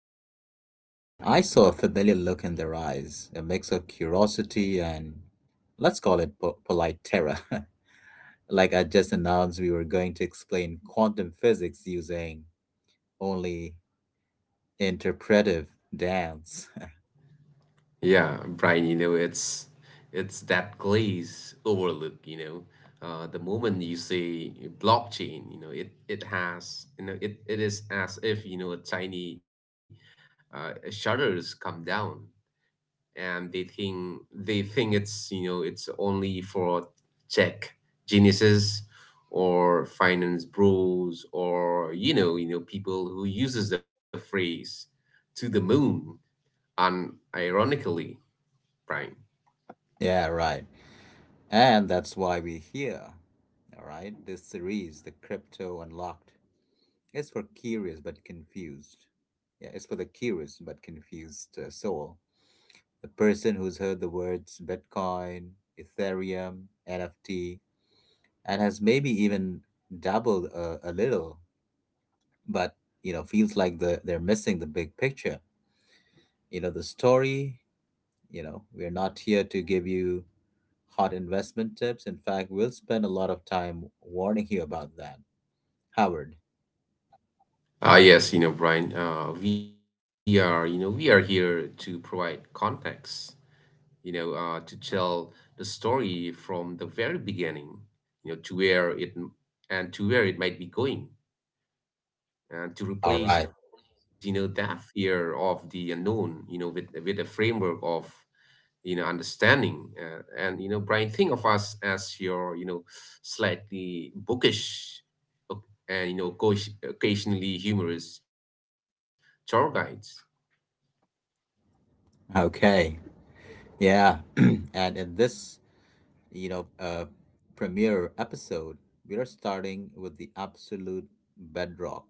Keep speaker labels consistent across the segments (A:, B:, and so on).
A: I saw a familiar look in their eyes, a mix of curiosity and let's call it polite terror. Like I just announced, we were going to explain quantum physics using only interpretive dance.
B: Yeah, Brian, it's that glaze overlook. The moment you say blockchain, it has, it is as if, a tiny shutters come down, and they think it's it's only for tech geniuses or finance bros, or, you know, people who uses the phrase to the moon. And ironically, Brian.
A: Yeah, right. And that's why we're here. All right. This series, The Crypto Unlocked, is for curious but confused. Yeah, it's for the curious but confused soul. The person who's heard the words Bitcoin, Ethereum, NFT, and has maybe even dabbled a little, but you know feels like they're missing the big picture. You know the story. You know we're not here to give you hot investment tips. In fact, we'll spend a lot of time warning you about that. Howard.
B: Yes, Brian, we are here to provide context, to tell the story from the very beginning, you know to where it to where it might be going, and to
A: All right.
B: replace, that fear of the unknown, with a framework of, understanding. And Brian, think of us as your, slightly bookish, uh, and occasionally humorous tour guides.
A: Okay. Yeah. And in this, you know, uh, premiere episode, we are starting with the absolute bedrock,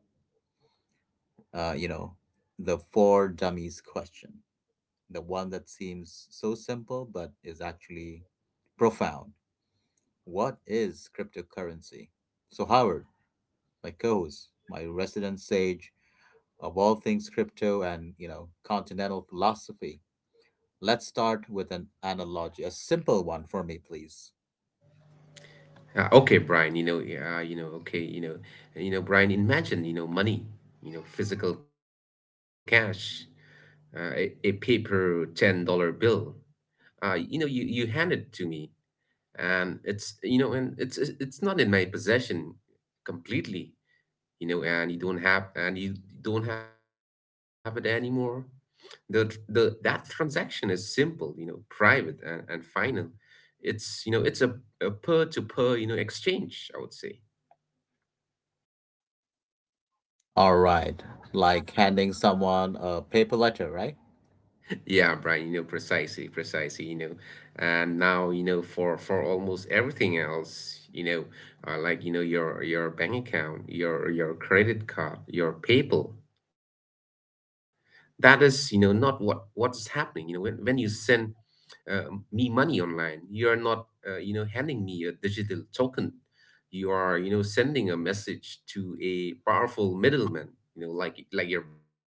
A: uh, you know, the four dummies question. The one that seems so simple, but is actually profound. What is cryptocurrency? So, Howard, my co host, my resident sage, of all things crypto and continental philosophy. Let's start with an analogy, a simple one for me, please.
B: Okay, Brian, yeah, Brian, imagine, money, physical cash, a paper $10 bill. You hand it to me, and it's not in my possession completely, and you don't have it anymore. The tr- the that transaction is simple, private , and final. It's a per to per, exchange, I would say.
A: All right, like handing someone a paper letter, right?
B: Yeah, Brian, precisely, precisely. And now, for almost everything else, like, your bank account, your credit card, your PayPal, that is, not what's happening. When you send, uh, me money online, you're not, handing me a digital token. You are, sending a message to a powerful middleman, like your bank,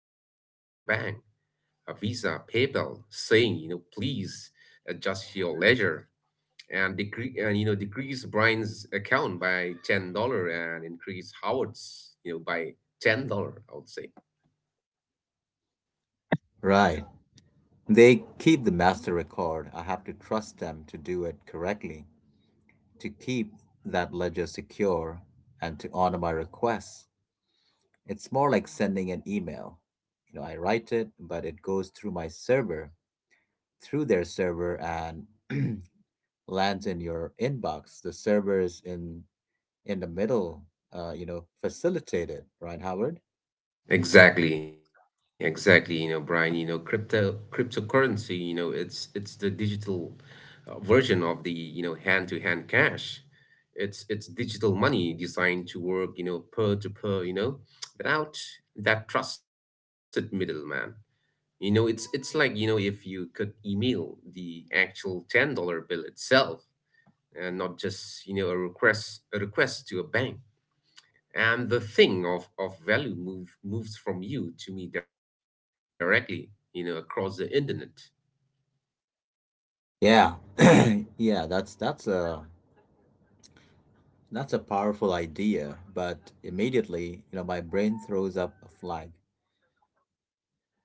B: Visa, PayPal, saying, please adjust your leisure, and decrease and decrease Brian's account by $10, and increase Howard's, by $10, I would say.
A: Right. They keep the master record. I have to trust them to do it correctly, to keep that ledger secure, and to honor my requests. It's more like sending an email. You know, I write it, but it goes through my server, through their server, and lands in your inbox. The server is in the middle, facilitated, right, Howard?
B: Exactly, exactly. Brian, cryptocurrency, it's the digital, version of the, hand to hand cash. It's digital money designed to work, per to per, without that trusted middleman. It's like, if you could email the actual $10 bill itself, and not just, a request to a bank. And the thing of value moves from you to me directly, across the internet.
A: Yeah, yeah, that's a powerful idea, but immediately, you know, my brain throws up a flag,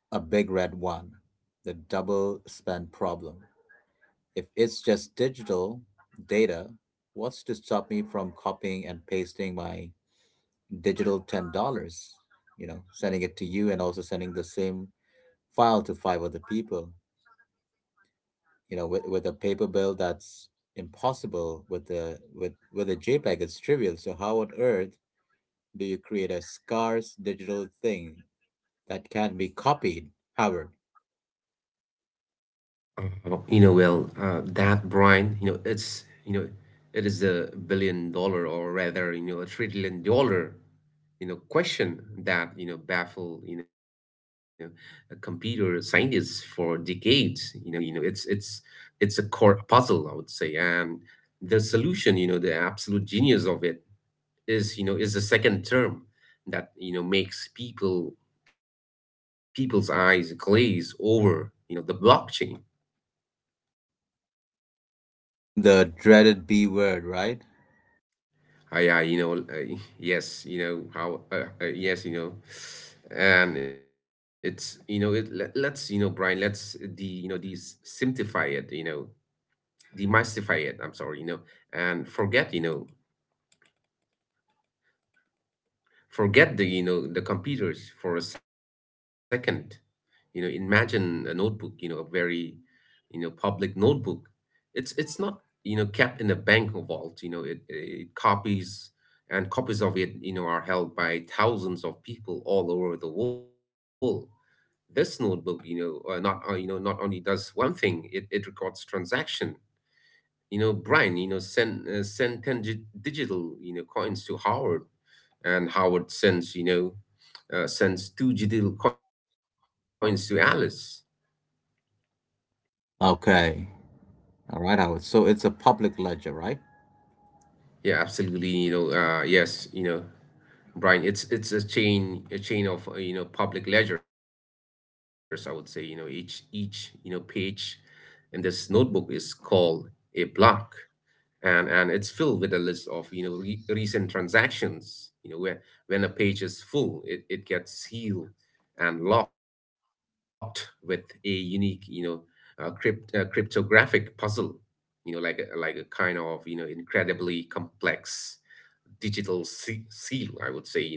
A: a big red one, the double spend problem. If it's just digital data, what's to stop me from copying and pasting my digital $10? You know, sending it to you and also sending the same file to five other people. You know, with a paper bill, that's impossible. With the with a JPEG, it's trivial. So how on earth do you create a scarce digital thing that can be copied, Howard?
B: Well, that Brian, it is a billion dollar, or rather, a trillion dollar, question, that, baffle, computer scientists for decades. It's it's a core puzzle, I would say. And the solution, the absolute genius of it, is you know is a second term that, makes people's eyes glaze over, the blockchain.
A: The dreaded B word, right?
B: Yes, you know how. Yes, and it's you know it. Let's Brian, Let's the de simplify it. Demystify it. I'm sorry. You know, and forget the the computers for a second. Imagine a notebook. A very, public notebook. It's not, kept in a bank vault. It, it Copies and copies of it, are held by thousands of people all over the world. This notebook, not, not only does one thing, it records transaction. Brian, send, send 10 digital, coins to Howard. And Howard sends, sends two digital coins to Alice.
A: Okay. All right, Howard. So it's a public ledger, right?
B: Yeah, absolutely. Yes. Brian, it's a chain of, public ledgers, I would say. Each, page in this notebook is called a block, and it's filled with a list of, recent transactions. Where, when a page is full, it gets sealed and locked with a unique, cryptographic puzzle. Like a, kind of, incredibly complex digital seal, I would say.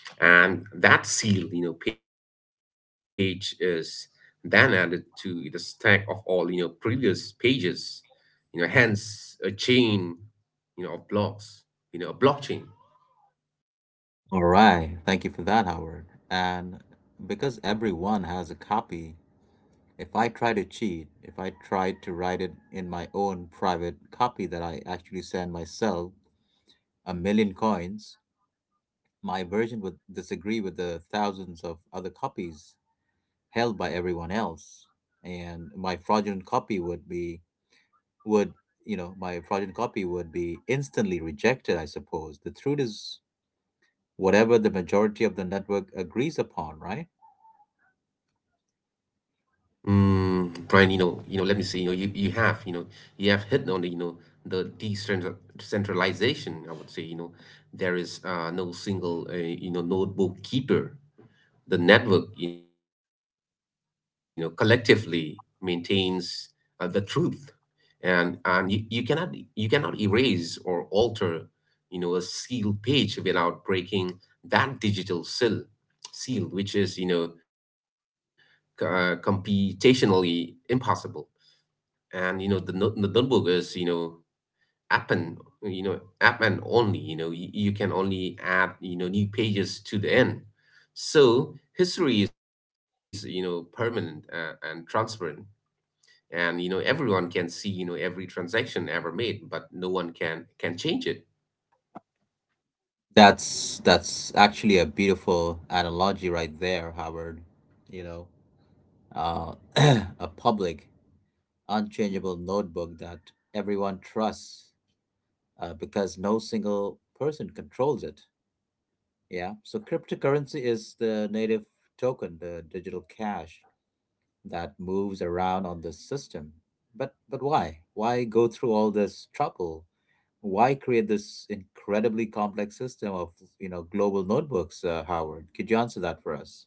B: And that seal, page is then added to the stack of all, previous pages, hence a chain, of blocks, a blockchain.
A: All right. Thank you for that, Howard. And because everyone has a copy, if I try to cheat, if I try to write it in my own private copy that I actually send myself a million coins, my version would disagree with the thousands of other copies held by everyone else. And would, my fraudulent copy would be instantly rejected, I suppose. The truth is whatever the majority of the network agrees upon, right?
B: Mm, Brian, let me say, you have hit on the, the decentralization, I would say. There is, no single, notebook keeper. The network, collectively maintains, the truth, and you, you cannot erase or alter, a sealed page without breaking that digital seal, which is, computationally impossible. And, the, no- the notebook is, app and app and only, you can only add, new pages to the end. So history is, permanent, and transparent. And, everyone can see, every transaction ever made, but no one can change it.
A: That's actually a beautiful analogy right there, Howard. You know, a public, unchangeable notebook that everyone trusts, because no single person controls it. Yeah. So cryptocurrency is the native token, the digital cash that moves around on the system. But why? Why go through all this trouble? Why create this incredibly complex system of global notebooks, Howard? Could you answer that for us?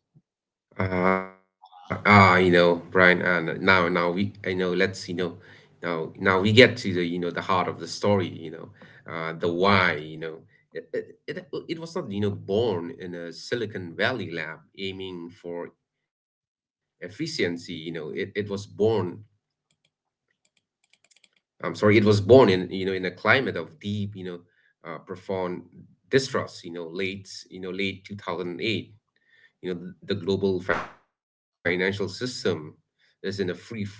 B: Brian, now we, you know, now we get to the, the heart of the story, the why. It was not, born in a Silicon Valley lab aiming for efficiency. It was born in, a climate of deep, profound distrust. Late 2008. The global financial system is in a free fall.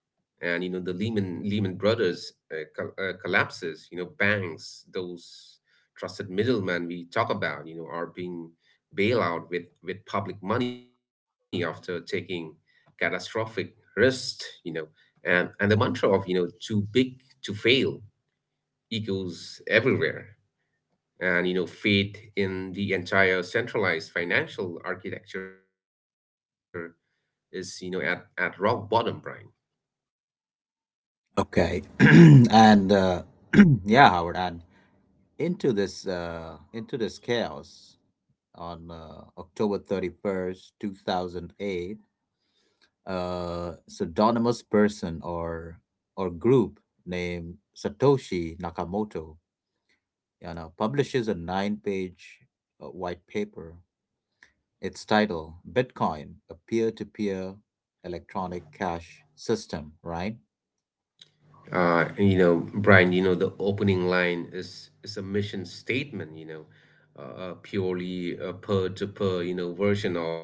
B: And, the Lehman Brothers, collapses. Banks, those trusted middlemen we talk about, are being bailed out with public money after taking catastrophic risks. And the mantra of, too big to fail, echoes everywhere. And, faith in the entire centralized financial architecture is, at rock bottom, Brian.
A: Okay. And yeah, Howard. And into this chaos on October 31st, 2008. A pseudonymous person or group named Satoshi Nakamoto publishes a nine-page white paper. Its title: Bitcoin, a peer-to-peer electronic cash system. Right?
B: Brian, the opening line is a mission statement. A purely, a peer-to-peer, version of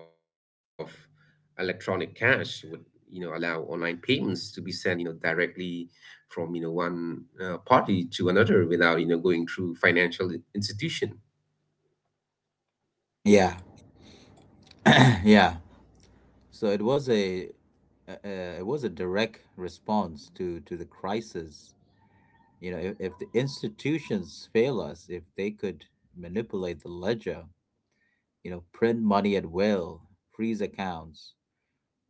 B: electronic cash would, allow online payments to be sent, directly from, one, party to another, without, going through financial institution.
A: Yeah, yeah. So it was a direct response to the crisis. You know, if the institutions fail us, if they could manipulate the ledger, you know, print money at will, freeze accounts,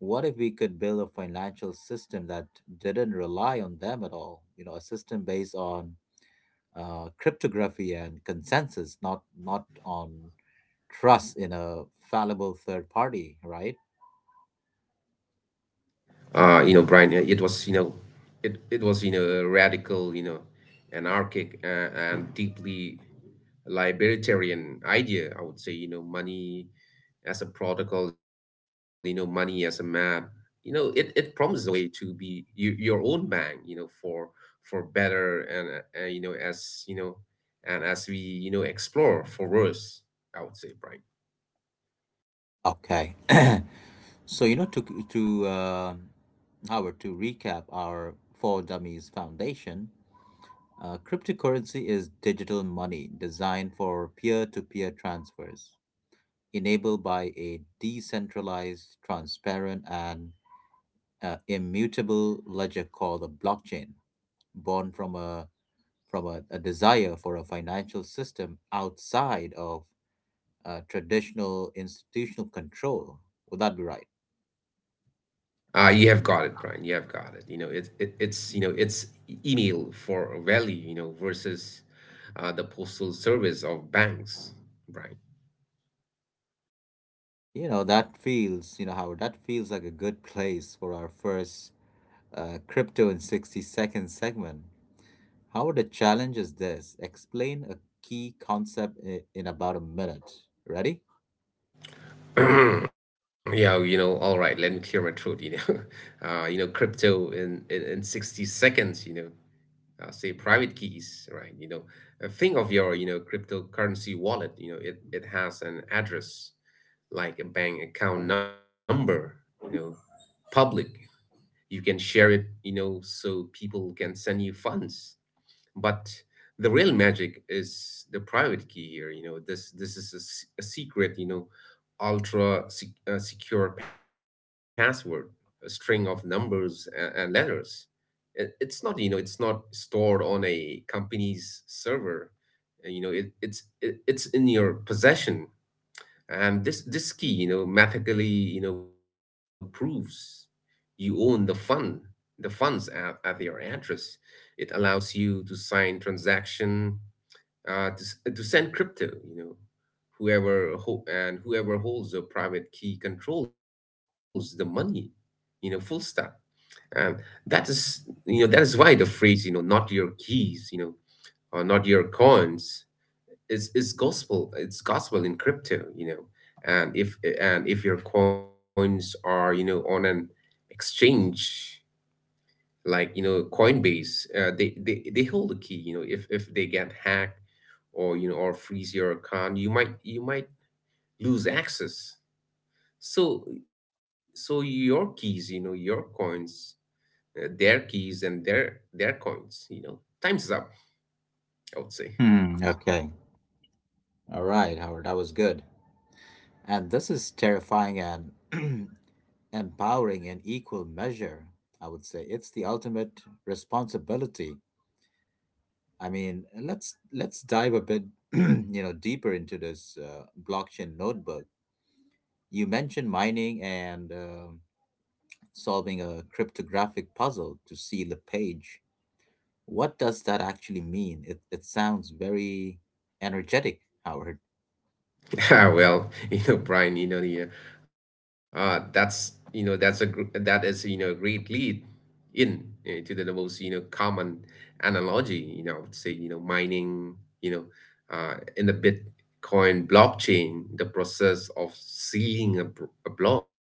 A: what if we could build a financial system that didn't rely on them at all? You know, a system based on cryptography and consensus, not on trust in a fallible third party, right?
B: Brian, it was, a radical, anarchic, and deeply libertarian idea, I would say. Money as a protocol, money as a map. It promises a way to be your own bank, for better, as, you know, and as we, explore, for worse, I would say, Brian.
A: Okay. so you know to Howard, to recap our Four Dummies Foundation, cryptocurrency is digital money designed for peer to peer transfers, enabled by a decentralized, transparent, and immutable ledger called a blockchain, born from a desire for a financial system outside of traditional institutional control. Would that be right?
B: You have got it, Brian. You have got it. It, it it's It's email for value. Versus, the postal service of banks, Brian.
A: You know that feels, you know, Howard, that feels like a good place for our first crypto in 60 seconds segment. How the challenge is this? Explain a key concept in about a minute. Ready?
B: Yeah. All right, let me clear my throat. Crypto in 60 seconds. Say private keys, right? Think of your, cryptocurrency wallet. It has an address like a bank account number. You know, Public. You can share it, so people can send you funds. But the real magic is the private key here. This is a secret, ultra, secure password, a string of numbers , and letters. It's not, it's not stored on a company's server. It's in your possession. And this key, mathematically, proves you own the funds at your address. It allows you to sign transaction, to send crypto. Whoever ho- and whoever holds the private key controls the money. Full stop. And that is, that is why the phrase, not your keys, or not your coins is gospel. It's gospel in crypto. And if and if your coins are, on an exchange, like, Coinbase, they hold the key. If they get hacked, or, or freeze your account, you might lose access. so so your keys, your coins, their keys and their coins. Time's up, I would say.
A: Hmm. Okay. All right, Howard. That was good. And this is terrifying and empowering in equal measure. I would say it's the ultimate responsibility. I mean, let's dive a bit, deeper into this blockchain notebook. You mentioned mining and solving a cryptographic puzzle to seal a page. What does that actually mean? It sounds very energetic, Howard.
B: Ah, well, Brian, that is, a great lead in to the, most, common analogy. I would say, mining. You know, in the Bitcoin blockchain, the process of sealing a, a block.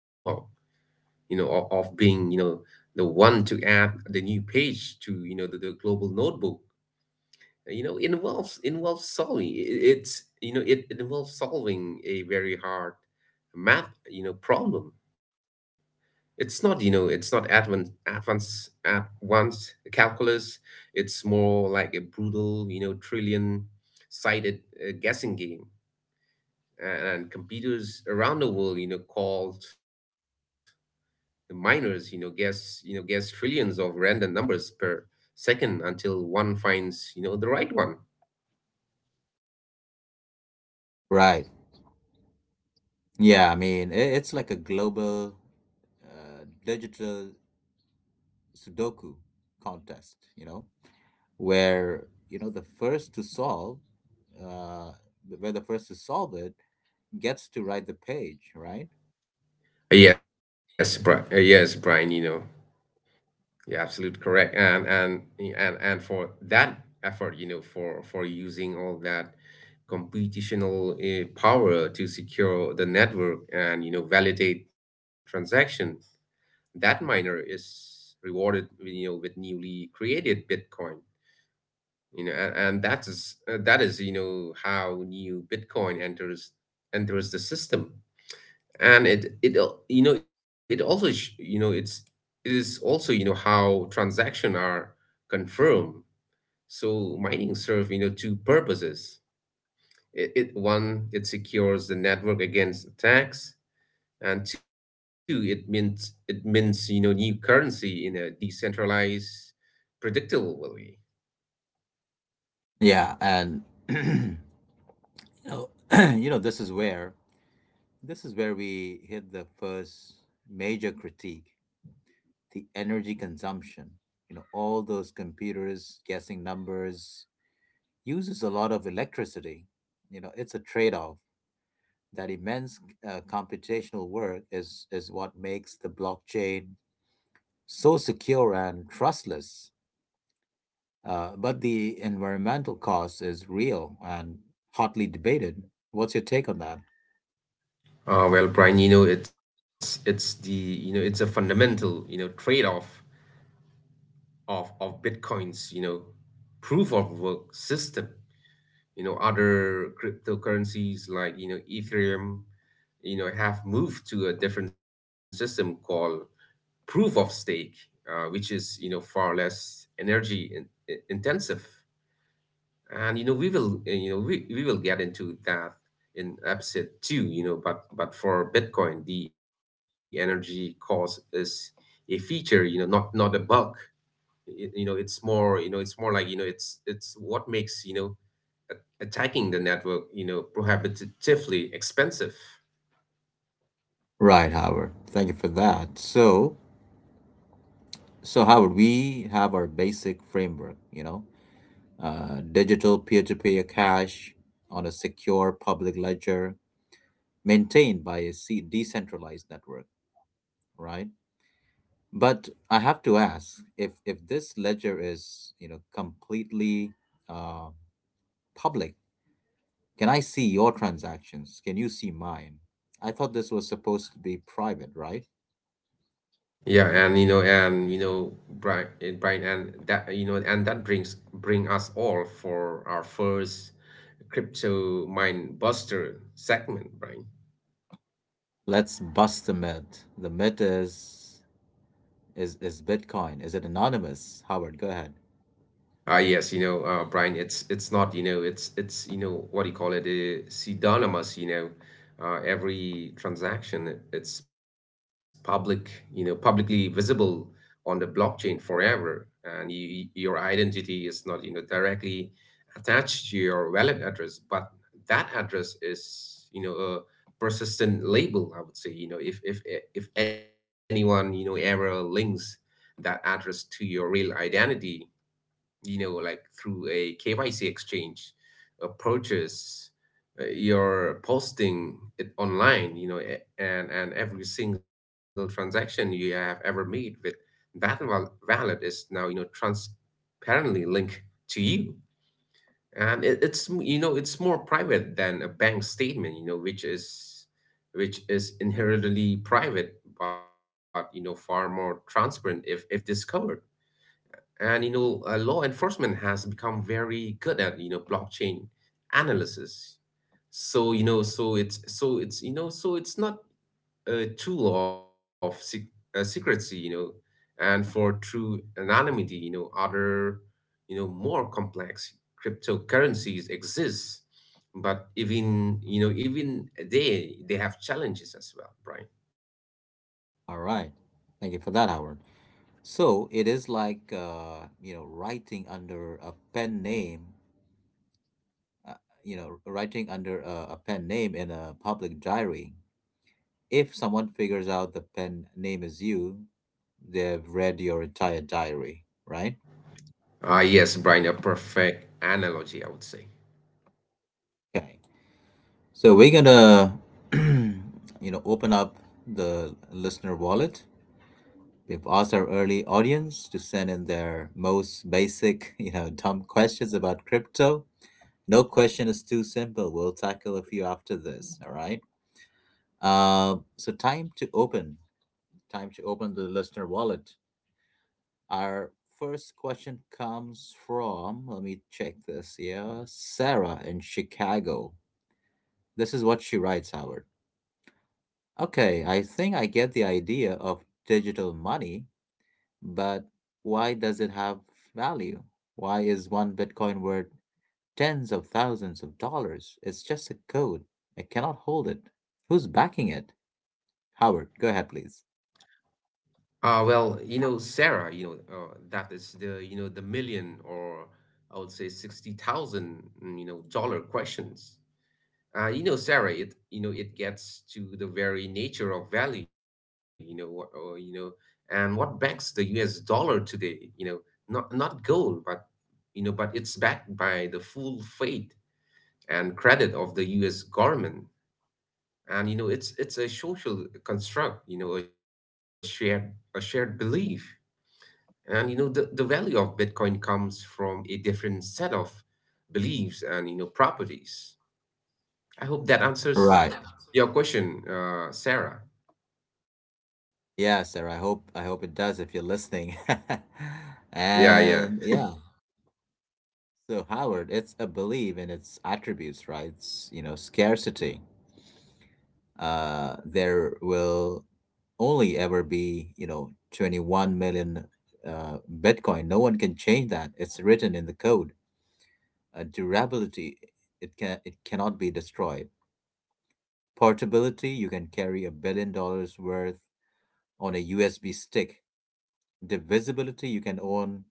B: Of being, the one to add the new page to, the global notebook, involves solving, it's you know it, it involves solving a very hard math, problem. It's not advanced calculus. It's more like a brutal, trillion sided guessing game. And computers around the world, called the miners, guess, guess trillions of random numbers per second, until one finds, the right one.
A: Right. Yeah, I mean, it's like a global digital Sudoku contest, where, you know, the first to solve, uh, where the first to solve it gets to write the page, right?
B: Yes, Brian, you're absolutely correct. And for that effort, for using all that computational, power to secure the network, and, validate transaction. That miner is rewarded, with, with newly created Bitcoin. And that is, how new Bitcoin enters the system, and it al- you know it also sh- you know it's it is also you know how transaction are confirmed. So mining serve, two purposes. It One, it secures the network against attacks, and two, it means it mints, new currency in a decentralized, predictable way.
A: Yeah, and you know, you know, this is where this is where we hit the first major critique: the energy consumption. You know, all those computers guessing numbers uses a lot of electricity. You know, it's a trade-off. That immense computational work is what makes the blockchain so secure and trustless. But the environmental cost is real and hotly debated. What's your take on that?
B: Well, Brian, it's the you know it's a fundamental, trade-off of Bitcoin's, proof of work system. Other cryptocurrencies, like, Ethereum, have moved to a different system, called proof of stake, which is, far less energy intensive. And, we will, we will get into that in episode 2. But but for Bitcoin, the energy cost is a feature, not not a bug. It's more like, it's what makes, attacking the network, prohibitively expensive.
A: Right, Howard. Thank you for that. So, Howard, we have our basic framework, digital peer-to-peer cash on a secure public ledger maintained by a decentralized network, right? But I have to ask, if this ledger is completely uh, public, can I see your transactions? Can you see mine? I thought this was supposed to be private, right?
B: Yeah, and Brian, and Brian, and that you know, and that brings bring us all for our first crypto mind buster segment, Brian.
A: Let's bust the myth. The myth is is Bitcoin. Is it anonymous? Howard, go ahead.
B: Ah, yes, Brian, it's not, it's, what do you call it, pseudonymous. Every transaction, it's public, publicly visible on the blockchain forever, and your identity is not, directly attached to your wallet address, but that address is, a persistent label, I would say. If anyone, ever links that address to your real identity, like through a KYC exchange, a purchase, you're posting it online, and every single transaction you have ever made with wallet is now, transparently linked to you. And it, it's, m- you know, It's more private than a bank statement, which is inherently private, but, far more transparent if, discovered. And, law enforcement has become very good at, blockchain analysis. So you know, so it's you know, so it's not a tool of secrecy. And for true anonymity, other, more complex cryptocurrencies exist, but even, they have challenges as well, Brian.
A: All right. Thank you for that, Howard. So it is like writing under a pen name, uh, writing under a pen name in a public diary. If someone figures out the pen name is you, they've read your entire diary, right?
B: Ah, yes, Brian, a perfect analogy, I would say.
A: Okay. So we're gonna open up the listener wallet. We've asked our early audience to send in their most basic, dumb questions about crypto. No question is too simple. We'll tackle a few after this. All right. So, time to open. Time to open the listener wallet. Our first question comes from. Let me check this. Yeah, Sarah in Chicago. This is what she writes, Howard. Okay, I think I get the idea of digital money, but why does it have value? Why is one Bitcoin worth tens of thousands of dollars? It's just a code. I cannot hold it. Who's backing it? Howard, go ahead, please.
B: Well, Sarah, that is the, the million, or I would say 60,000, dollar questions. Sarah, it, it gets to the very nature of value. You know, what, or, you know, and what backs the US dollar today, not, not gold, but, but it's backed by the full faith and credit of the US government. And, it's a social construct, a shared belief. And, the value of Bitcoin comes from a different set of beliefs and, properties. I hope that answers
A: Right.
B: your question, Sarah.
A: Yeah, Sarah. I hope it does if you're listening.
B: Yeah, yeah.
A: And yeah. So, Howard, it's a belief in its attributes, right? It's, you know, scarcity. There will only ever be, 21 million Bitcoin. No one can change that. It's written in the code. Durability: it cannot be destroyed. Portability: you can carry $1 billion worth on a USB stick. Divisibility: you can own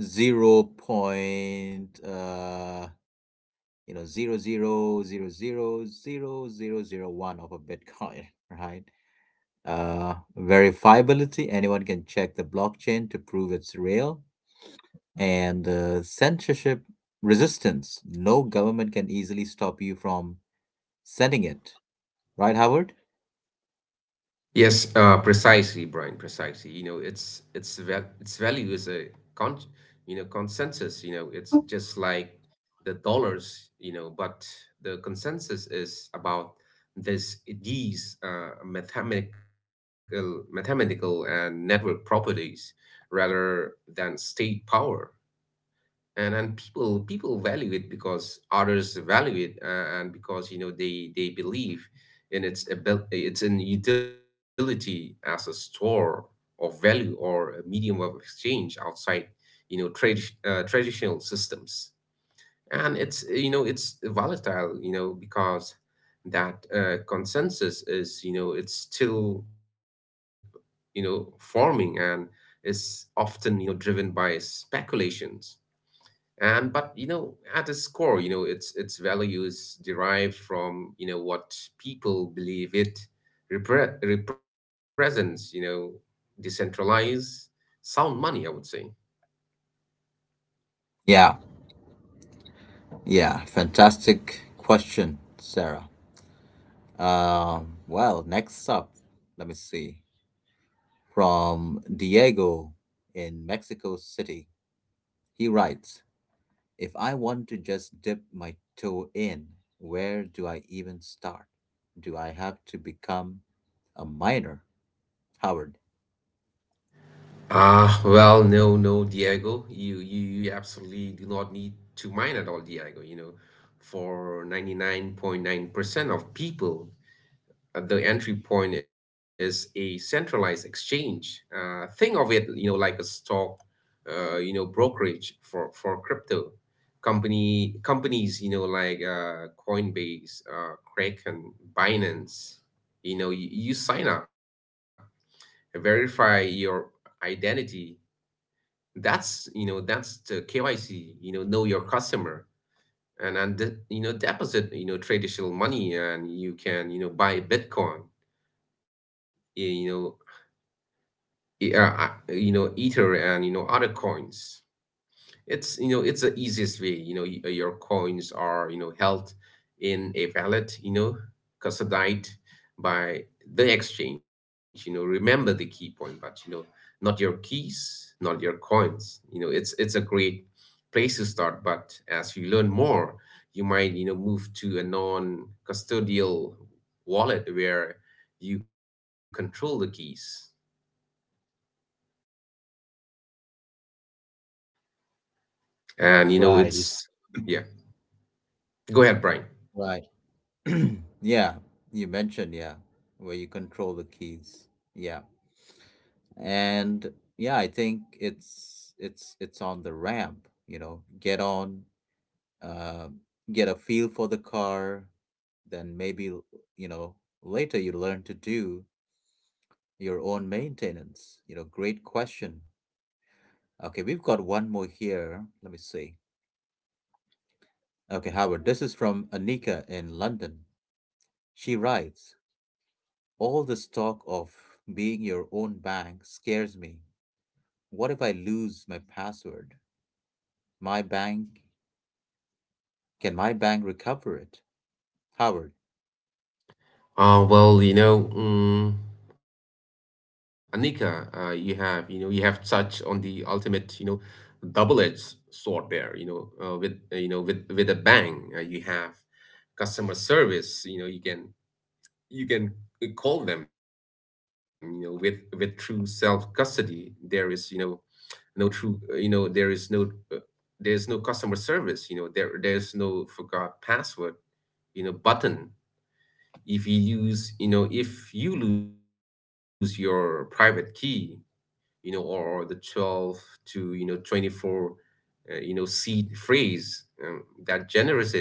A: 0.00000001 of a Bitcoin, right. Verifiability: anyone can check the blockchain to prove it's real. And censorship resistance: no government can easily stop you from sending it, right, Howard?
B: Yes, precisely, Brian, precisely. It's val its value is a con consensus. It's just like the dollars. But the consensus is about this these, mathematical mathematical and network properties, rather than state power. And people value it because others value it, and because, they believe in its ability, its in utility as a store of value or a medium of exchange outside, traditional systems. And it's volatile, because that, consensus is, it's still, forming, and is often, driven by speculations. And but you know at its core, its values derived from, what people believe it represents. Decentralized sound money, I would say.
A: Yeah, yeah. Fantastic question, Sarah. Well, next up, let me see. From Diego in Mexico City, he writes: If I want to just dip my toe in, where do I even start? Do I have to become a miner, Howard?
B: Well, no, no, Diego, you, you absolutely do not need to mine at all, Diego. For 99.9% of people, the entry point is a centralized exchange. Think of it, like a stock, brokerage for crypto company companies, like, Coinbase, Kraken, Binance. You, you sign up, verify your identity. That's the KYC. Know your customer. And deposit, traditional money, and you can, buy Bitcoin, you know ether, and, other coins. It's the easiest way. Your coins are, held in a wallet, custodied by the exchange. Remember the key point, but, not your keys, not your coins. It's a great place to start, but as you learn more, you might, move to a non custodial wallet where you control the keys. And,
A: Right.
B: it's yeah. Go ahead, Brian.
A: Right. Yeah, you mentioned, yeah, where you control the keys. Yeah. and Yeah, I think it's on the ramp, you know, get on, uh, get a feel for the car, then maybe, you know, later you learn to do your own maintenance. You know, great question. Okay, we've got one more here, let me see. Okay, Howard, this is from Anika in London. She writes, all this talk of being your own bank scares me. What if I lose my password? My bank, can my bank recover it? Howard.
B: Uh, well, you know, um, Anika, you have, you have touched on the ultimate, double-edged sword there. With, with a bang, you have customer service. You can, you can call them. With true self-custody, there is, no true, uh, there's no customer service. There there's no forgot password, button. If you lose, if you lose your private key, or the 12 to, 24, seed phrase, that generates it,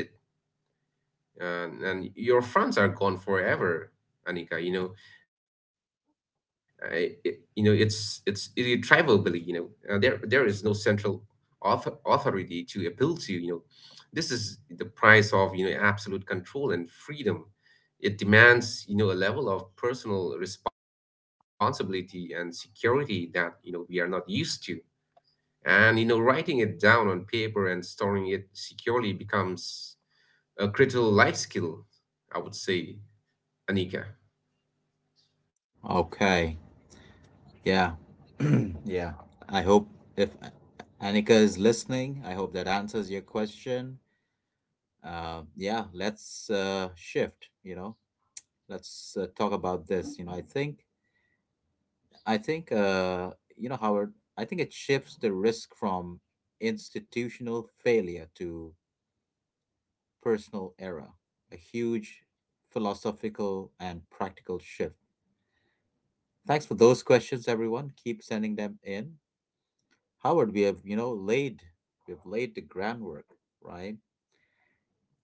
B: and your funds are gone forever, Anika. I, it, you know It's irretrievably. There there is no central authority to appeal to. This is the price of, absolute control and freedom. It demands, a level of personal responsibility and security that, we are not used to. And, writing it down on paper and storing it securely becomes a critical life skill, I would say, Anika.
A: Okay. Yeah. Yeah. I hope, if Anika is listening, I hope that answers your question. Yeah, let's shift. You know, let's talk about this. You know, I think, Howard, I think it shifts the risk from institutional failure to personal error. A huge philosophical and practical shift. Thanks for those questions, everyone. Keep sending them in. Howard, we have, you know, laid we have laid the groundwork, right?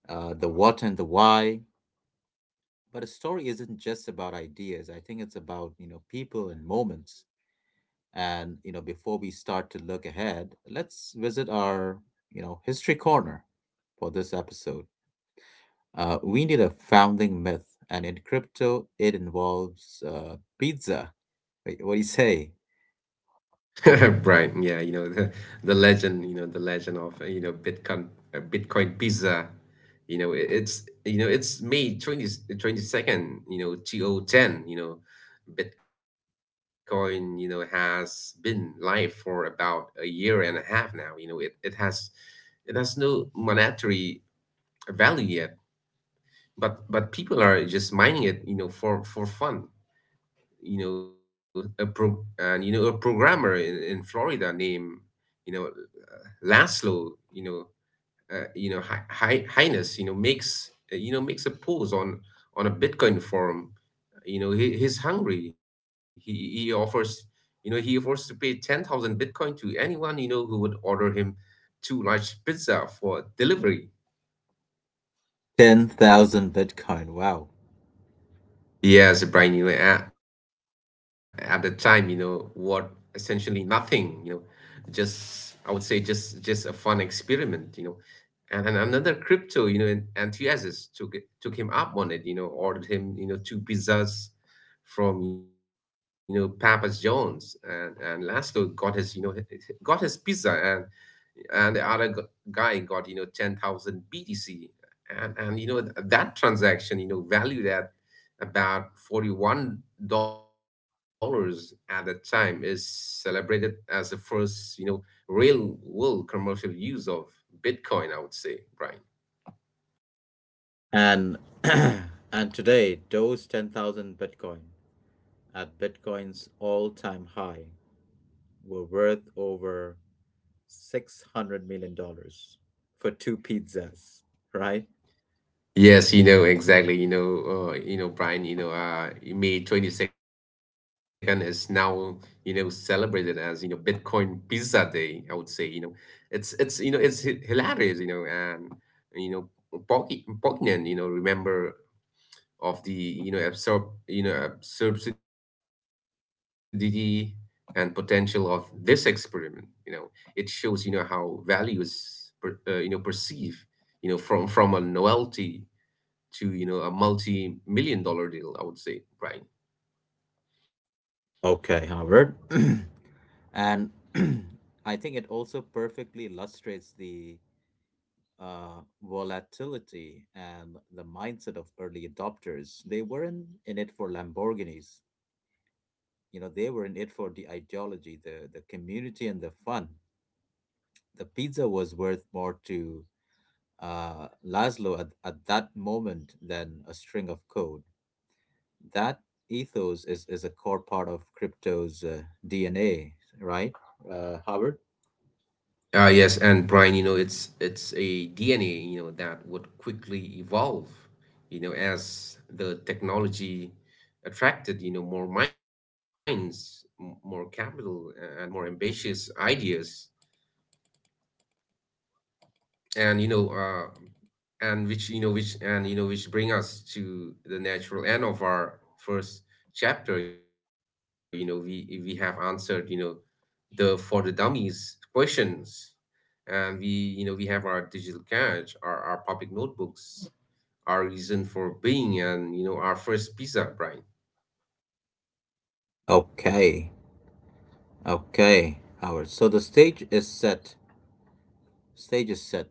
A: The what and the why. But a story isn't just about ideas. I think it's about, you know, people and moments. And, you know, before we start to look ahead, let's visit our, you know, history corner for this episode. We need a founding myth. And in crypto, it involves pizza. Wait, what do you say?
B: Right. Yeah, the legend the legend of, Bitcoin, Bitcoin Pizza. It's May twenty twenty second, 2010. Bitcoin, has been live for about a year and a half now. It has no monetary value yet, but people are just mining it, for fun. A pro and you know a programmer in Florida named, you know Laszlo, Highness, makes, makes a pose on a Bitcoin forum. He, he's hungry. He offers, he offers to pay 10,000 Bitcoin to anyone, who would order him two large pizza for delivery.
A: 10,000 Bitcoin. Wow.
B: Yes, Brian, at the time, what essentially nothing, just I would say just a fun experiment, and another crypto enthusiast took him up on it, ordered him, two pizzas from, Papa John's. And Laszlo got his, got his pizza, and the guy got, 10,000 btc. And that transaction, valued at about $41 at the time, is celebrated as the first, real world commercial use of bitcoin, I would say, Brian.
A: And and today, those 10,000 Bitcoin at Bitcoin's all-time high were worth over 600 million dollars for two pizzas, right?
B: Yes, exactly. Brian. May 22nd is now, celebrated as, Bitcoin Pizza Day, I would say. It's, it's hilarious. And, you know, poignant. Remember of the, absurd, absurdity and potential of this experiment. It shows, how value is perceived, from a novelty to, a multi-million-dollar deal, I would say, right?
A: Okay, Howard. and I think it also perfectly illustrates the volatility and the mindset of early adopters. They weren't in it for Lamborghinis. You know, they were in it for the ideology, the community, and the fun. The pizza was worth more to Laszlo at that moment than a string of code. That ethos is a core part of crypto's DNA, right, Howard?
B: Yes, and Brian, it's a DNA, that would quickly evolve, as the technology attracted, more minds, more capital, and more ambitious ideas. And you know and which you know which and you know which bring us to the natural end of our first chapter. We have answered, the for the dummies questions. And we, we have our digital cache, our public notebooks, our reason for being, and, our first pizza, Brian.
A: Okay, okay, Howard. So the stage is set. Stage is set.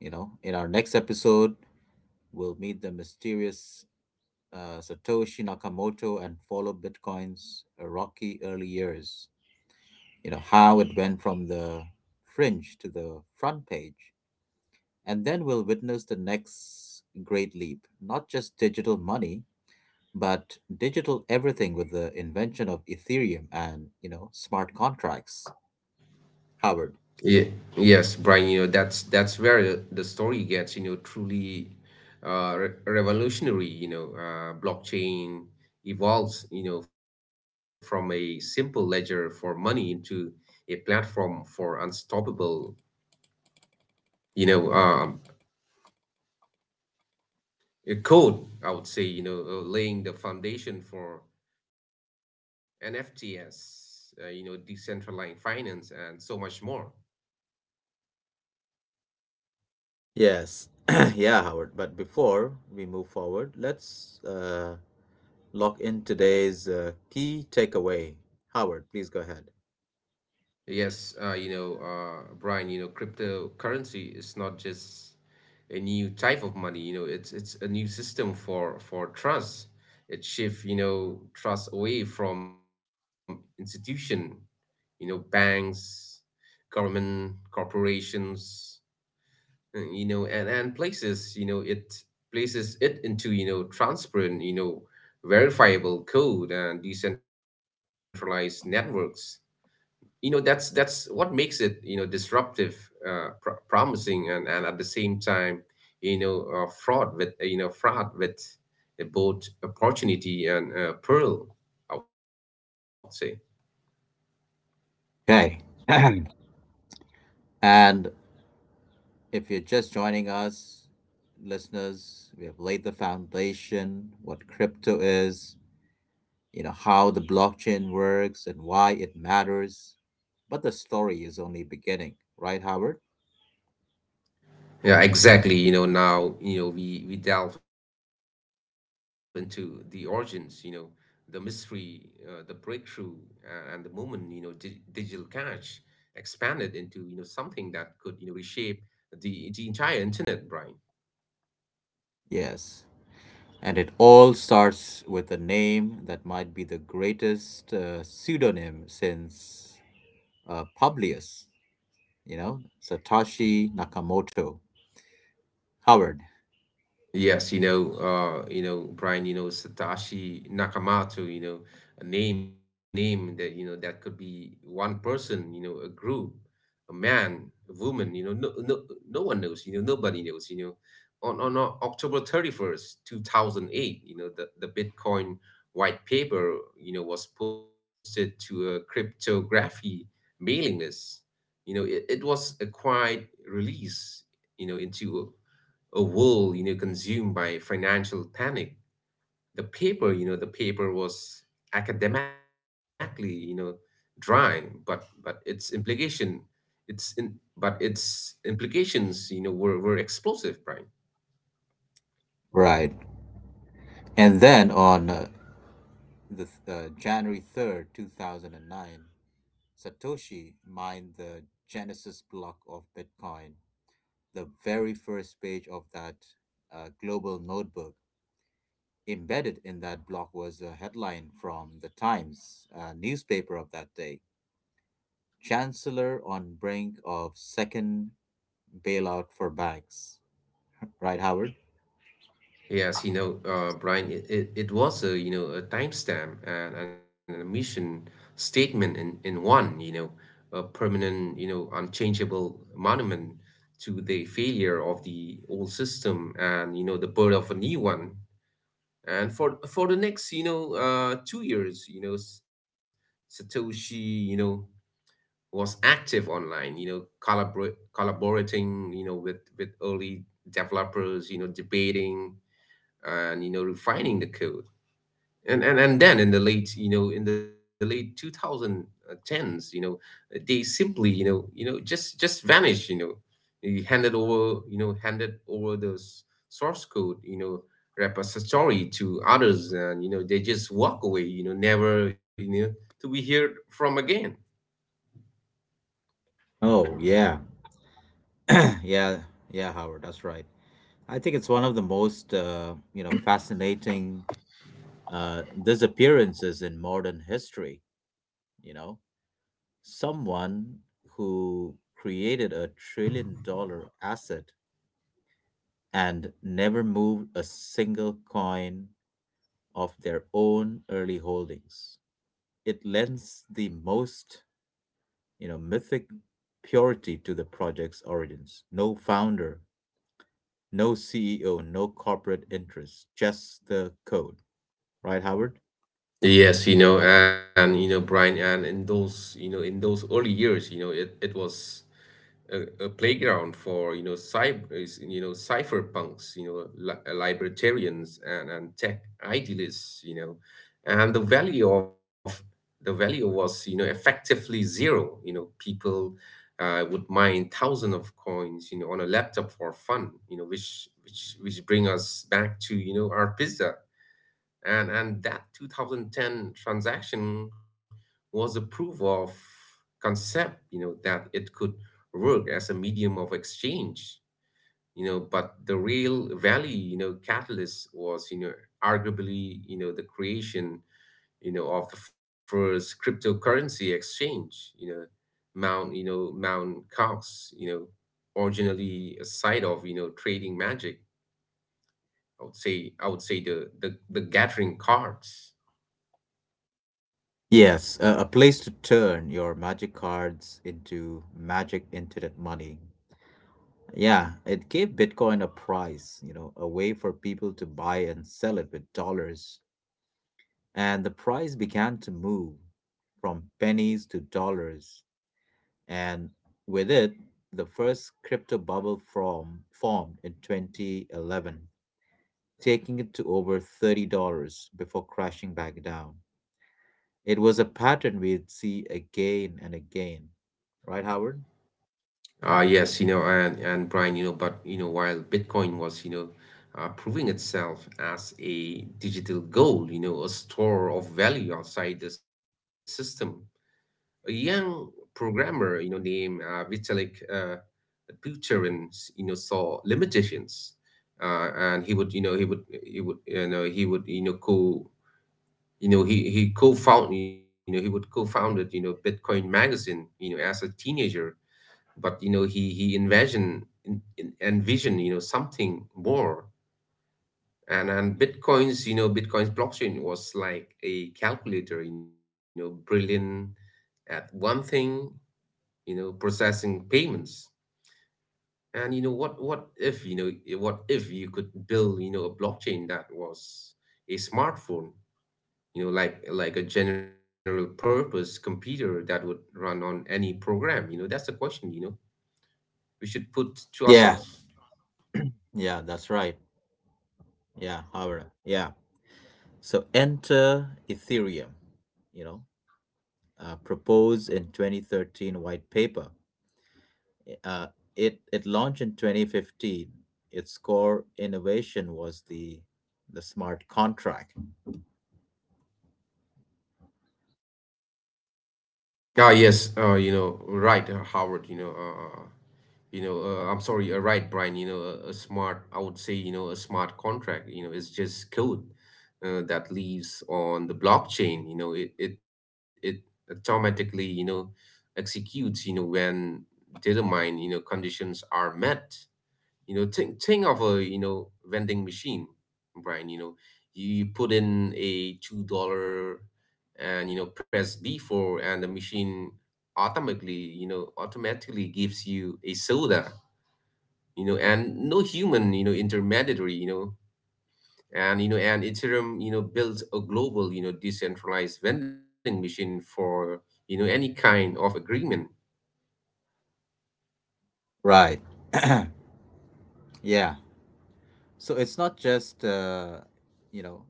A: You know, in our next episode, we'll meet the mysterious Satoshi Nakamoto and follow Bitcoin's rocky early years. You know, how it went from the fringe to the front page, and then we'll witness the next great leap, not just digital money but digital everything, with the invention of Ethereum and, you know, smart contracts. Howard.
B: Yeah, yes, Brian, that's where the story gets, truly re revolutionary. Blockchain evolves, from a simple ledger for money into a platform for unstoppable, you know, um, a code, I would say, laying the foundation for NFTs, decentralized finance, and so much more.
A: Yes. Yeah, Howard, but before we move forward, let's lock in today's key takeaway. Howard, please go ahead.
B: Yes, Brian, cryptocurrency is not just a new type of money. It's a new system for trust. It shifts, trust away from institution, banks, government, corporations, and places, it places it into, transparent, verifiable code and decentralized networks. That's what makes it, disruptive, promising, and at the same time, fraud with, both opportunity and, pearl, I would say.
A: Okay. and If you're just joining us, listeners, we have laid the foundation, what crypto is, you know, how the blockchain works and why it matters. But the story is only beginning, right, Howard?
B: Yeah, exactly. Now, we delve into the origins, the mystery, the breakthrough, and the moment, digital cash expanded into, something that could, reshape the entire internet, Brian.
A: Yes. And it all starts with a name that might be the greatest pseudonym since Publius, you know, Satoshi Nakamoto. Howard.
B: Yes, Brian, Satoshi Nakamoto, a name that, that could be one person, a group, a man, a woman, no one knows, nobody knows, October 31st, 2008, the Bitcoin white paper, was posted to a cryptography mailing list. It, it was a quiet release, into a world, consumed by financial panic. The paper, was academically, dry, but its its in implications, were explosive, Brian.
A: Right. And then on the January 3rd, 2009, Satoshi mined the Genesis block of Bitcoin, the very first page of that global notebook. Embedded in that block was a headline from the Times newspaper of that day: Chancellor on brink of second bailout for banks. Right, Howard?
B: Yes, Brian, it was a, a timestamp, and a mission statement in one, a permanent, unchangeable monument to the failure of the old system, and, the birth of a new one. And for the next, 2 years, Satoshi, was active online, collaborating, with early developers, debating, and, refining the code. And then in the late 2010s, they simply, just vanished. You Handed over, the source code, repository to others, and, they just walk away, never, to be heard from again.
A: Oh, yeah. yeah, yeah, Howard, that's right. I think it's one of the most, you know, fascinating disappearances in modern history. You know, someone who created a trillion dollar asset and never moved a single coin of their own early holdings. It lends the most, you know, mythic purity to the project's origins. No founder, no CEO, no corporate interest, just the code. Right, Howard?
B: Yes, Brian, and in those, early years, it, it was a playground for, you know cyber you know cypherpunks, libertarians, and tech idealists. And the value was, effectively zero. People, would mine thousands of coins, on a laptop for fun, which bring us back to, our pizza. And that 2010 transaction was a proof of concept, that it could work as a medium of exchange. But the real value, catalyst was, arguably, the creation, of the first cryptocurrency exchange, Mount Cox, originally a site of, trading magic, I would say, the gathering cards.
A: Yes, a place to turn your magic cards into magic internet money. Yeah, it gave Bitcoin a price, you know, a way for people to buy and sell it with dollars. And the price began to move from pennies to dollars. And with it, the first crypto bubble formed in 2011, taking it to over $30 before crashing back down. It was a pattern we'd see again and again. Right, Howard?
B: Yes, and Brian, but while Bitcoin was, proving itself as a digital gold, a store of value outside the system, a young programmer, named Vitalik Buterin, saw limitations, and he would, you know, he would, you know, he would, you know, co, you know, he co-found, you know, he would co-founded, Bitcoin magazine, as a teenager, but, he envision, something more. And bitcoin's you know Bitcoin's blockchain was like a calculator, brilliant at one thing, processing payments. And, what if, what if you could build, a blockchain that was a smartphone, like a general purpose computer that would run on any program. That's the question, we should put to
A: Yeah.
B: ourselves.
A: Yeah, that's right. Yeah, Howard. Yeah. So enter Ethereum, you know, proposed in 2013 white paper. Uh, it launched in 2015. Its core innovation was the smart contract.
B: Ah, yes, you know, right, Howard, you know, I'm sorry, right, Brian, a smart, I would say, a smart contract, is just code that lives on the blockchain. It automatically, executes, when determined, conditions are met. Think of a, vending machine, Brian. You, you put in a $2 and, press B for, and the machine automatically, gives you a soda. And no human, intermediary. And Ethereum, builds a global, decentralized vending machine for, any kind of agreement.
A: Right. Yeah. So it's not just you know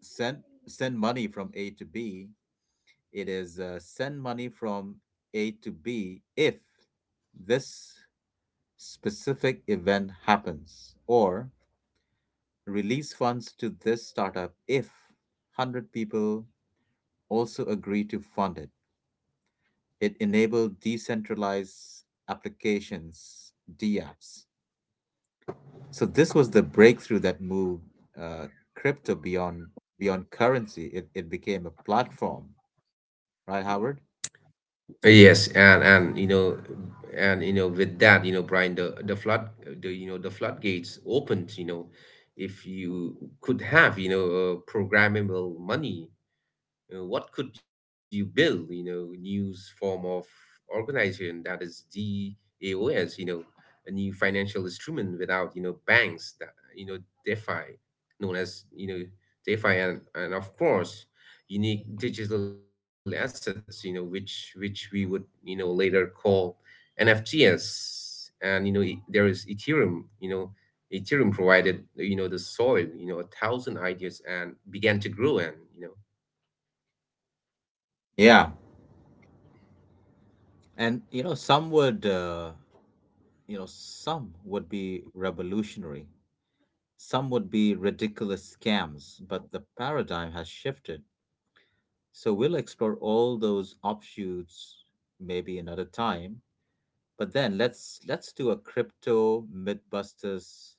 A: send send money from A to B. It is send money from A to B if this specific event happens, or release funds to this startup if 100 people also agree to fund it. It enabled decentralized applications, DApps. So this was the breakthrough that moved uh, crypto beyond currency. It became a platform, right, Howard?
B: Yes, with that, Brian, the floodgates opened. If you could have, programmable money, what could you build? New form of organization, that is DAOS, a new financial instrument without, banks, that, you know DeFi, known as, DeFi, and of course unique digital assets, which we would, later call NFTs. And, there is Ethereum. Provided, the soil, a thousand ideas, and began to grow. And,
A: Yeah, and you know some would some would be revolutionary, some would be ridiculous scams, but the paradigm has shifted. So we'll explore all those offshoots maybe another time. But then let's do a crypto mythbusters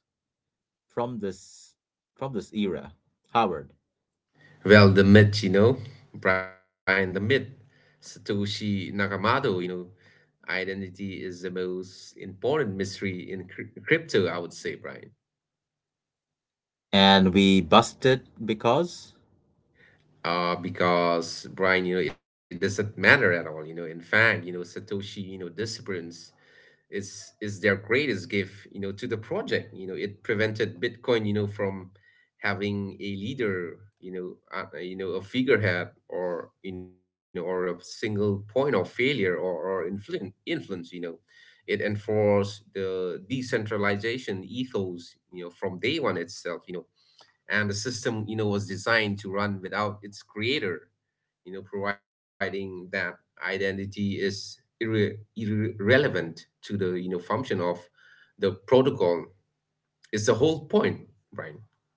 A: from this era, Howard.
B: well, the myth, Brian, the myth, Satoshi Nakamoto, identity is the most important mystery in crypto, I would say, Brian.
A: And we busted because.
B: Because, Brian, it doesn't matter at all. In fact, Satoshi, disappearance is their greatest gift, to the project. It prevented Bitcoin, from having a leader, a figurehead, or, or a single point of failure, or influence. It enforced the decentralization ethos, from day one itself. And the system, was designed to run without its creator, providing that identity is irre- irrelevant to the, function of the protocol, is the whole point, Brian.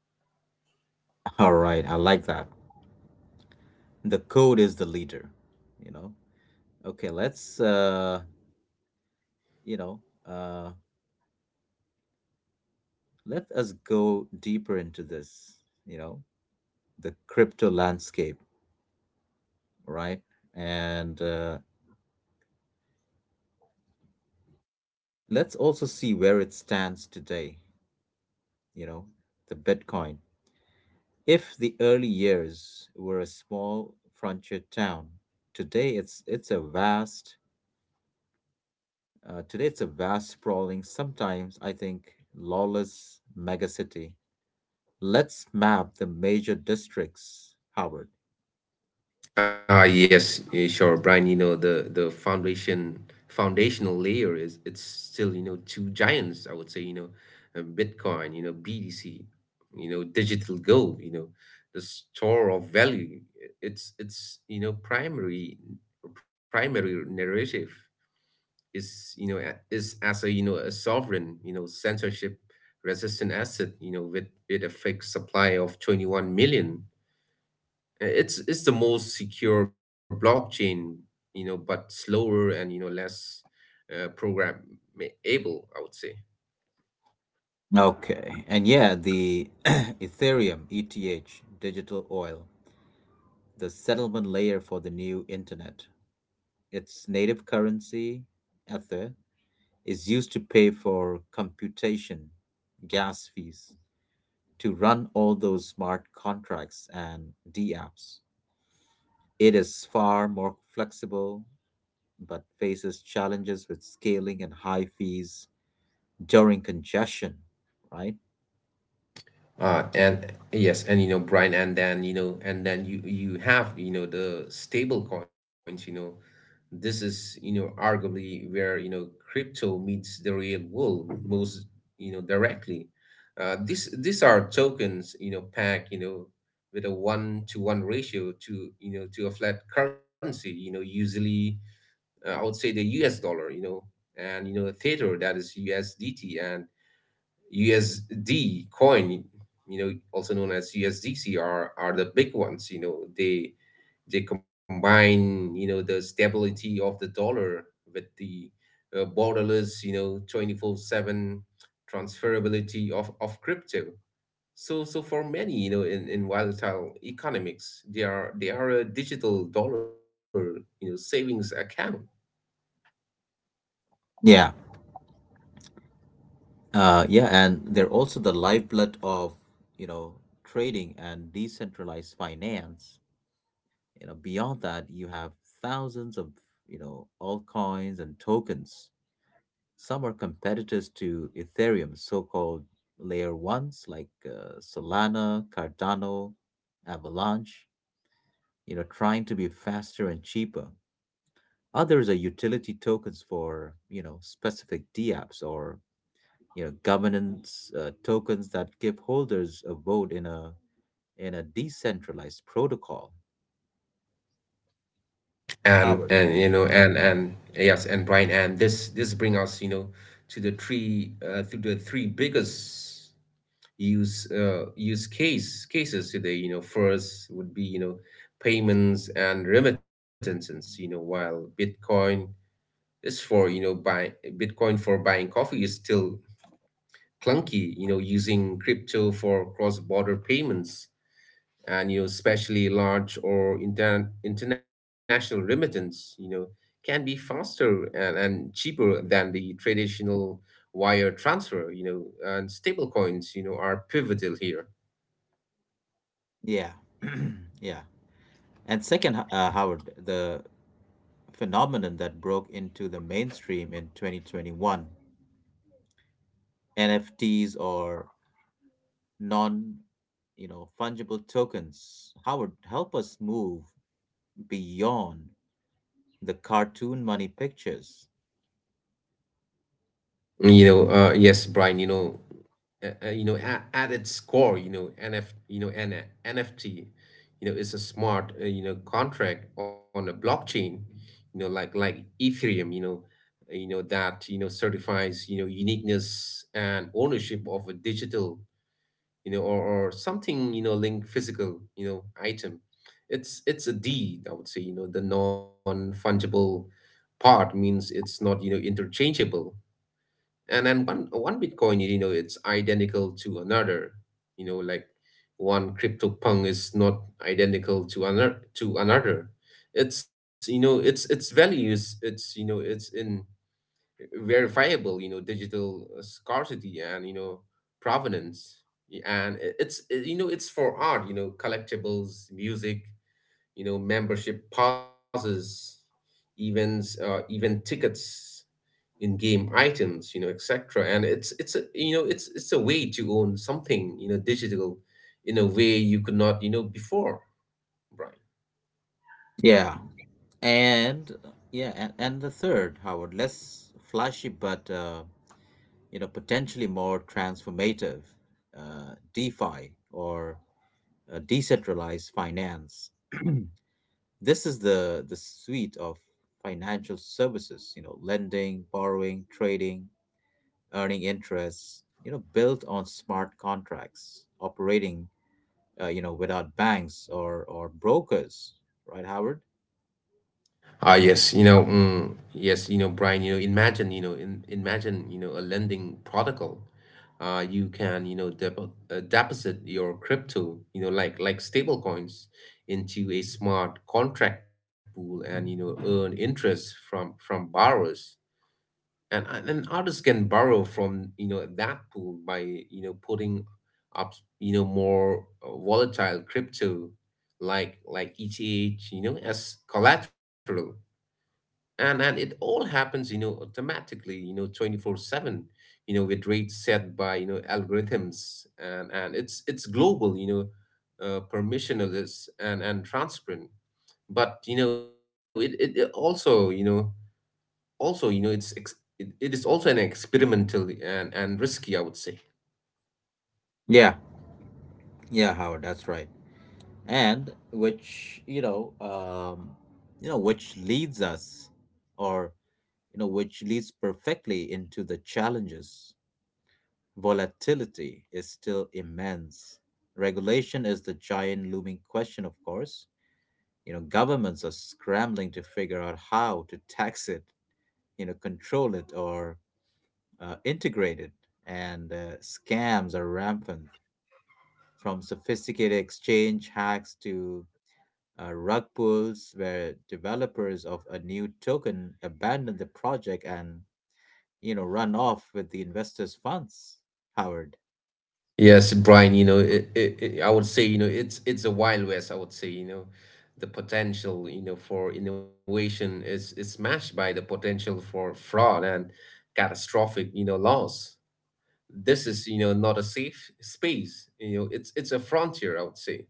A: All right, I like that. The code is the leader, you know. Okay, you know, uh let us go deeper into this, you know, the crypto landscape, right? And let's also see where it stands today, you know, the Bitcoin. If the early years were a small frontier town, today it's a vast today it's a vast, sprawling, sometimes I think lawless megacity. Let's map the major districts, Howard.
B: Ah, yes, sure, Brian. The foundation foundational layer is it's still, two giants, I would say. Bitcoin, BTC, digital gold, the store of value. It's primary narrative is as a a sovereign, censorship resistant asset, with a fixed supply of 21 million. It's the most secure blockchain, but slower and less programmable, I would say.
A: Okay. And yeah, the Ethereum ETH, digital oil, the settlement layer for the new internet. Its native currency, Ether, is used to pay for computation, gas fees, to run all those smart contracts and D apps. It is far more flexible, but faces challenges with scaling and high fees during congestion, right?
B: And Yes, Brian, and then you have the stable coins. You know, this is arguably where crypto meets the real world most, directly. This these are tokens, packed, with a one to one ratio to, to a flat currency. Usually, I would say, the U.S. dollar. You know, and you know A theater, that is USDT and USD coin, also known as USDC, are the big ones. They combine, the stability of the dollar with the, borderless, 24/7 transferability of crypto. So for many, in volatile economics, they are a digital dollar, savings account.
A: Yeah. Yeah, and they're also the lifeblood of, you know, trading and decentralized finance. You know, beyond that, you have thousands of, you know, altcoins and tokens. Some are competitors to Ethereum, so-called layer ones like Solana, Cardano, Avalanche, you know, trying to be faster and cheaper. Others are utility tokens for, you know, specific dApps, or, you know, governance tokens that give holders a vote in a decentralized protocol, Howard.
B: And you know and yes and Brian, and this bring us, to the three biggest use cases today. You know, first would be, payments and remittances. You know, while Bitcoin is for, you know buy Bitcoin for buying coffee, is still clunky. You know, using crypto for cross border payments, and, especially large or international remittance, can be faster and cheaper than the traditional wire transfer. You know and stable coins, are pivotal here.
A: Yeah. Yeah, and second, Howard, the phenomenon that broke into the mainstream in 2021, NFTs, or non, you know, fungible tokens. Howard, help us move beyond the cartoon money pictures.
B: Yes, Brian. At its, you know nf you know an NFT, is a smart, contract on a blockchain, like Ethereum, that, certifies, uniqueness and ownership of a digital, you know or, or something, linked physical, item. It's a deed, I would say. You know, the non fungible part means it's not, interchangeable. And then one Bitcoin, it's identical to another, you know like one crypto punk is not identical to another It's values, it's in verifiable, digital, scarcity and, provenance. And it's for art, collectibles, music, membership passes, events, even tickets, in game items, etc. And it's a way to own something, digital, in a way you could not, before, Brian.
A: Yeah. And the third, Howard, less flashy, but you know, potentially more transformative, DeFi, or decentralized finance. This is the suite of financial services, you know, lending, borrowing, trading, earning interest, you know, built on smart contracts, operating, you know, without banks or brokers, right, Howard?
B: Ah yes, yes, Brian, imagine, imagine, a lending protocol. You can, deposit your crypto, like stable coins, into a smart contract pool, and, earn interest from borrowers. And and artists can borrow from, that pool by, putting up, more, volatile crypto like ETH, as collateral. And it all happens, automatically, 24/7, with rates set by, algorithms. And it's global, permissionless, and transparent. But, it also, also you know it's ex- it is also an experimental and, risky, I would say.
A: Yeah, yeah, Howard, that's right. and which you know which leads us or You know, which leads perfectly into the challenges. Volatility is still immense. Regulation is the giant looming question, of course. You know, governments are scrambling to figure out how to tax it, you know, control it, or integrate it. And scams are rampant, from sophisticated exchange hacks to rug pulls, where developers of a new token abandon the project and, you know, run off with the investors' funds. Howard.
B: Yes, Brian, I would say, it's a wild west, I would say. You know, the potential, for innovation, is matched by the potential for fraud and catastrophic, loss. This is, not a safe space. It's a frontier, I would say.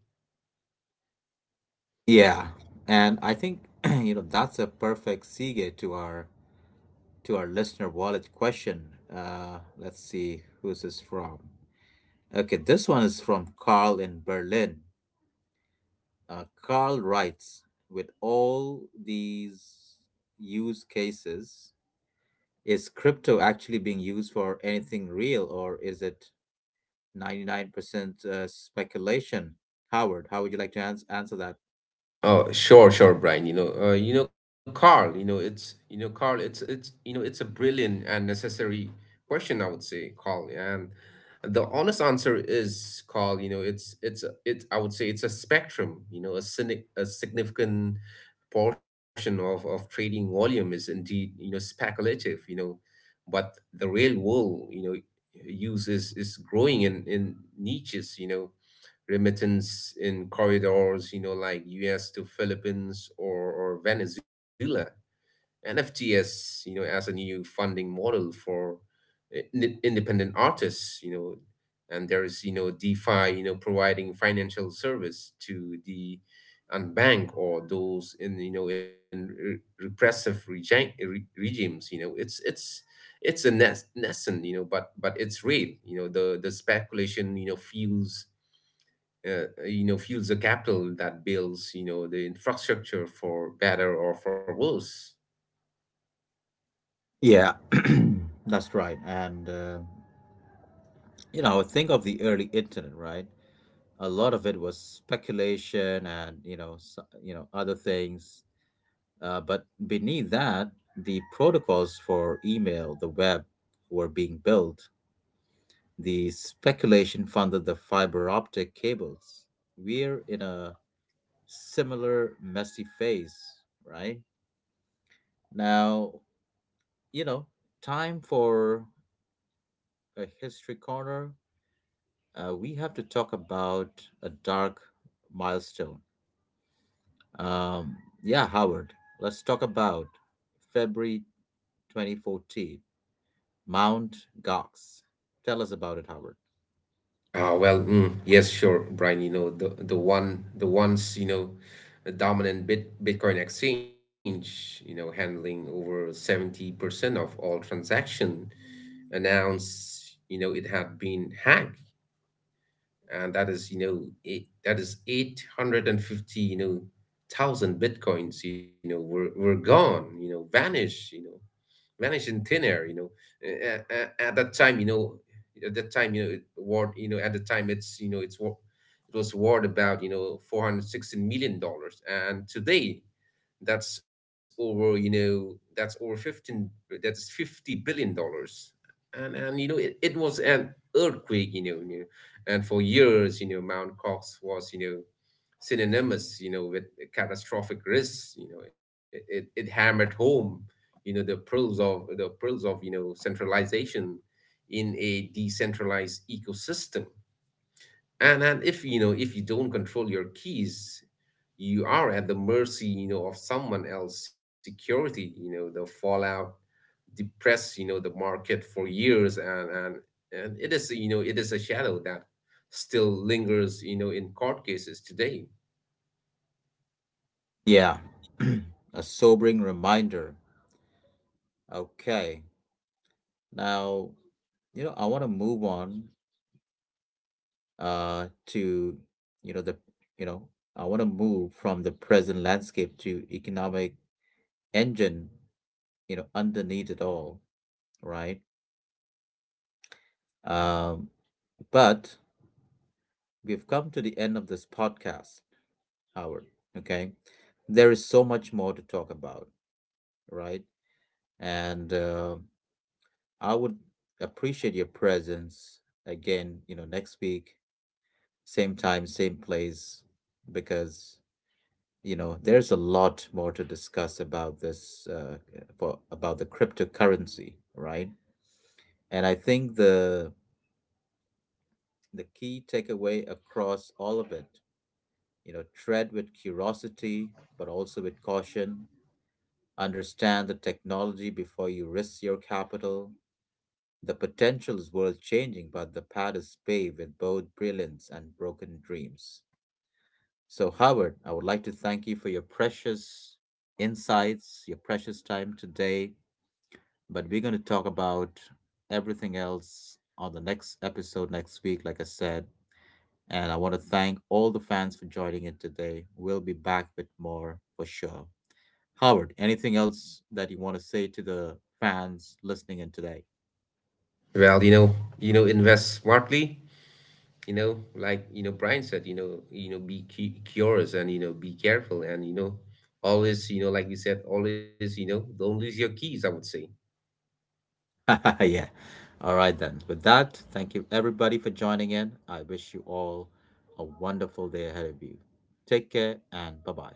A: Yeah, and I think you know that's a perfect segue to our listener wallet question. Let's see who's this from. Okay, this one is from Carl in Berlin. Carl writes, with all these use cases, is crypto actually being used for anything real, or is it 99% speculation? Howard, how would you like to answer that?
B: Oh, sure, Brian. Carl, Carl. It's a brilliant and necessary question, I would say, Carl. And the honest answer is, Carl, You know, it's it's. I would say, it's a spectrum. A cynic, a significant portion of trading volume is indeed, speculative. You know, but the real world, use is growing in niches. Remittance in corridors, like US to Philippines, or Venezuela, and FTS, as a new funding model for independent artists. You know, and there is, DeFi, providing financial service to the unbanked, or those in, repressive regimes. It's a nascent, but it's real. The speculation, fuels you know fuels the capital that builds, the infrastructure, for better or for worse.
A: Yeah. That's right. And, you know, think of the early internet, right? A lot of it was speculation and, you know, other things. But beneath that, the protocols for email, the web, were being built. The speculation funded the fiber optic cables. We're in a similar messy phase, right? Now, you know, time for a history corner. We have to talk about a dark milestone. Um, yeah, Howard, let's talk about February 2014. Mount Gox. Tell us about it, Howard.
B: Ah well mm, yes, sure, Brian. You know the one the once, a dominant bitcoin exchange, handling over 70% of all transaction, announced, it had been hacked. And that is you know it, that is 850, thousand bitcoins, were gone, vanished, in thin air. You know at, at that time, you know at that time you know it war you know at the time, it was worth about, $416 million, and today, that's over 15, that's $50 billion. And and you know it, it was an earthquake, you know and for years, Mount Cox was, synonymous, with catastrophic risks. You know it, it, it hammered home, the pearls of, centralization in a decentralized ecosystem. And if you don't control your keys, you are at the mercy, of someone else security. You know the fallout depressed, the market for years. And and it is, it is, a shadow that still lingers, in court cases today.
A: Yeah. A sobering reminder. Okay, now, you know, I want to move on to you know the you know I want to move from the present landscape to economic engine you know underneath it all, right. Um, but we've come to the end of this podcast, Howard. Okay, there is so much more to talk about, right, and I would appreciate your presence again, you know, next week, same time, same place, because, you know, there's a lot more to discuss about this, for about the cryptocurrency, right. And I think the key takeaway across all of it, you know, tread with curiosity but also with caution. Understand the technology before you risk your capital. The potential is world changing, but the path is paved with both brilliance and broken dreams. So Howard, I would like to thank you for your precious insights, your precious time today, but we're going to talk about everything else on the next episode next week, like I said. And I want to thank all the fans for joining in today. We'll be back with more for sure. Howard, anything else that you want to say to the fans listening in today?
B: Well, invest smartly. You know, like Brian said, be curious, and, be careful, and, always, like you said, always, don't lose your keys, I would say.
A: Yeah. All right, then. With that, thank you everybody for joining in. I wish you all a wonderful day ahead of you. Take care and bye bye.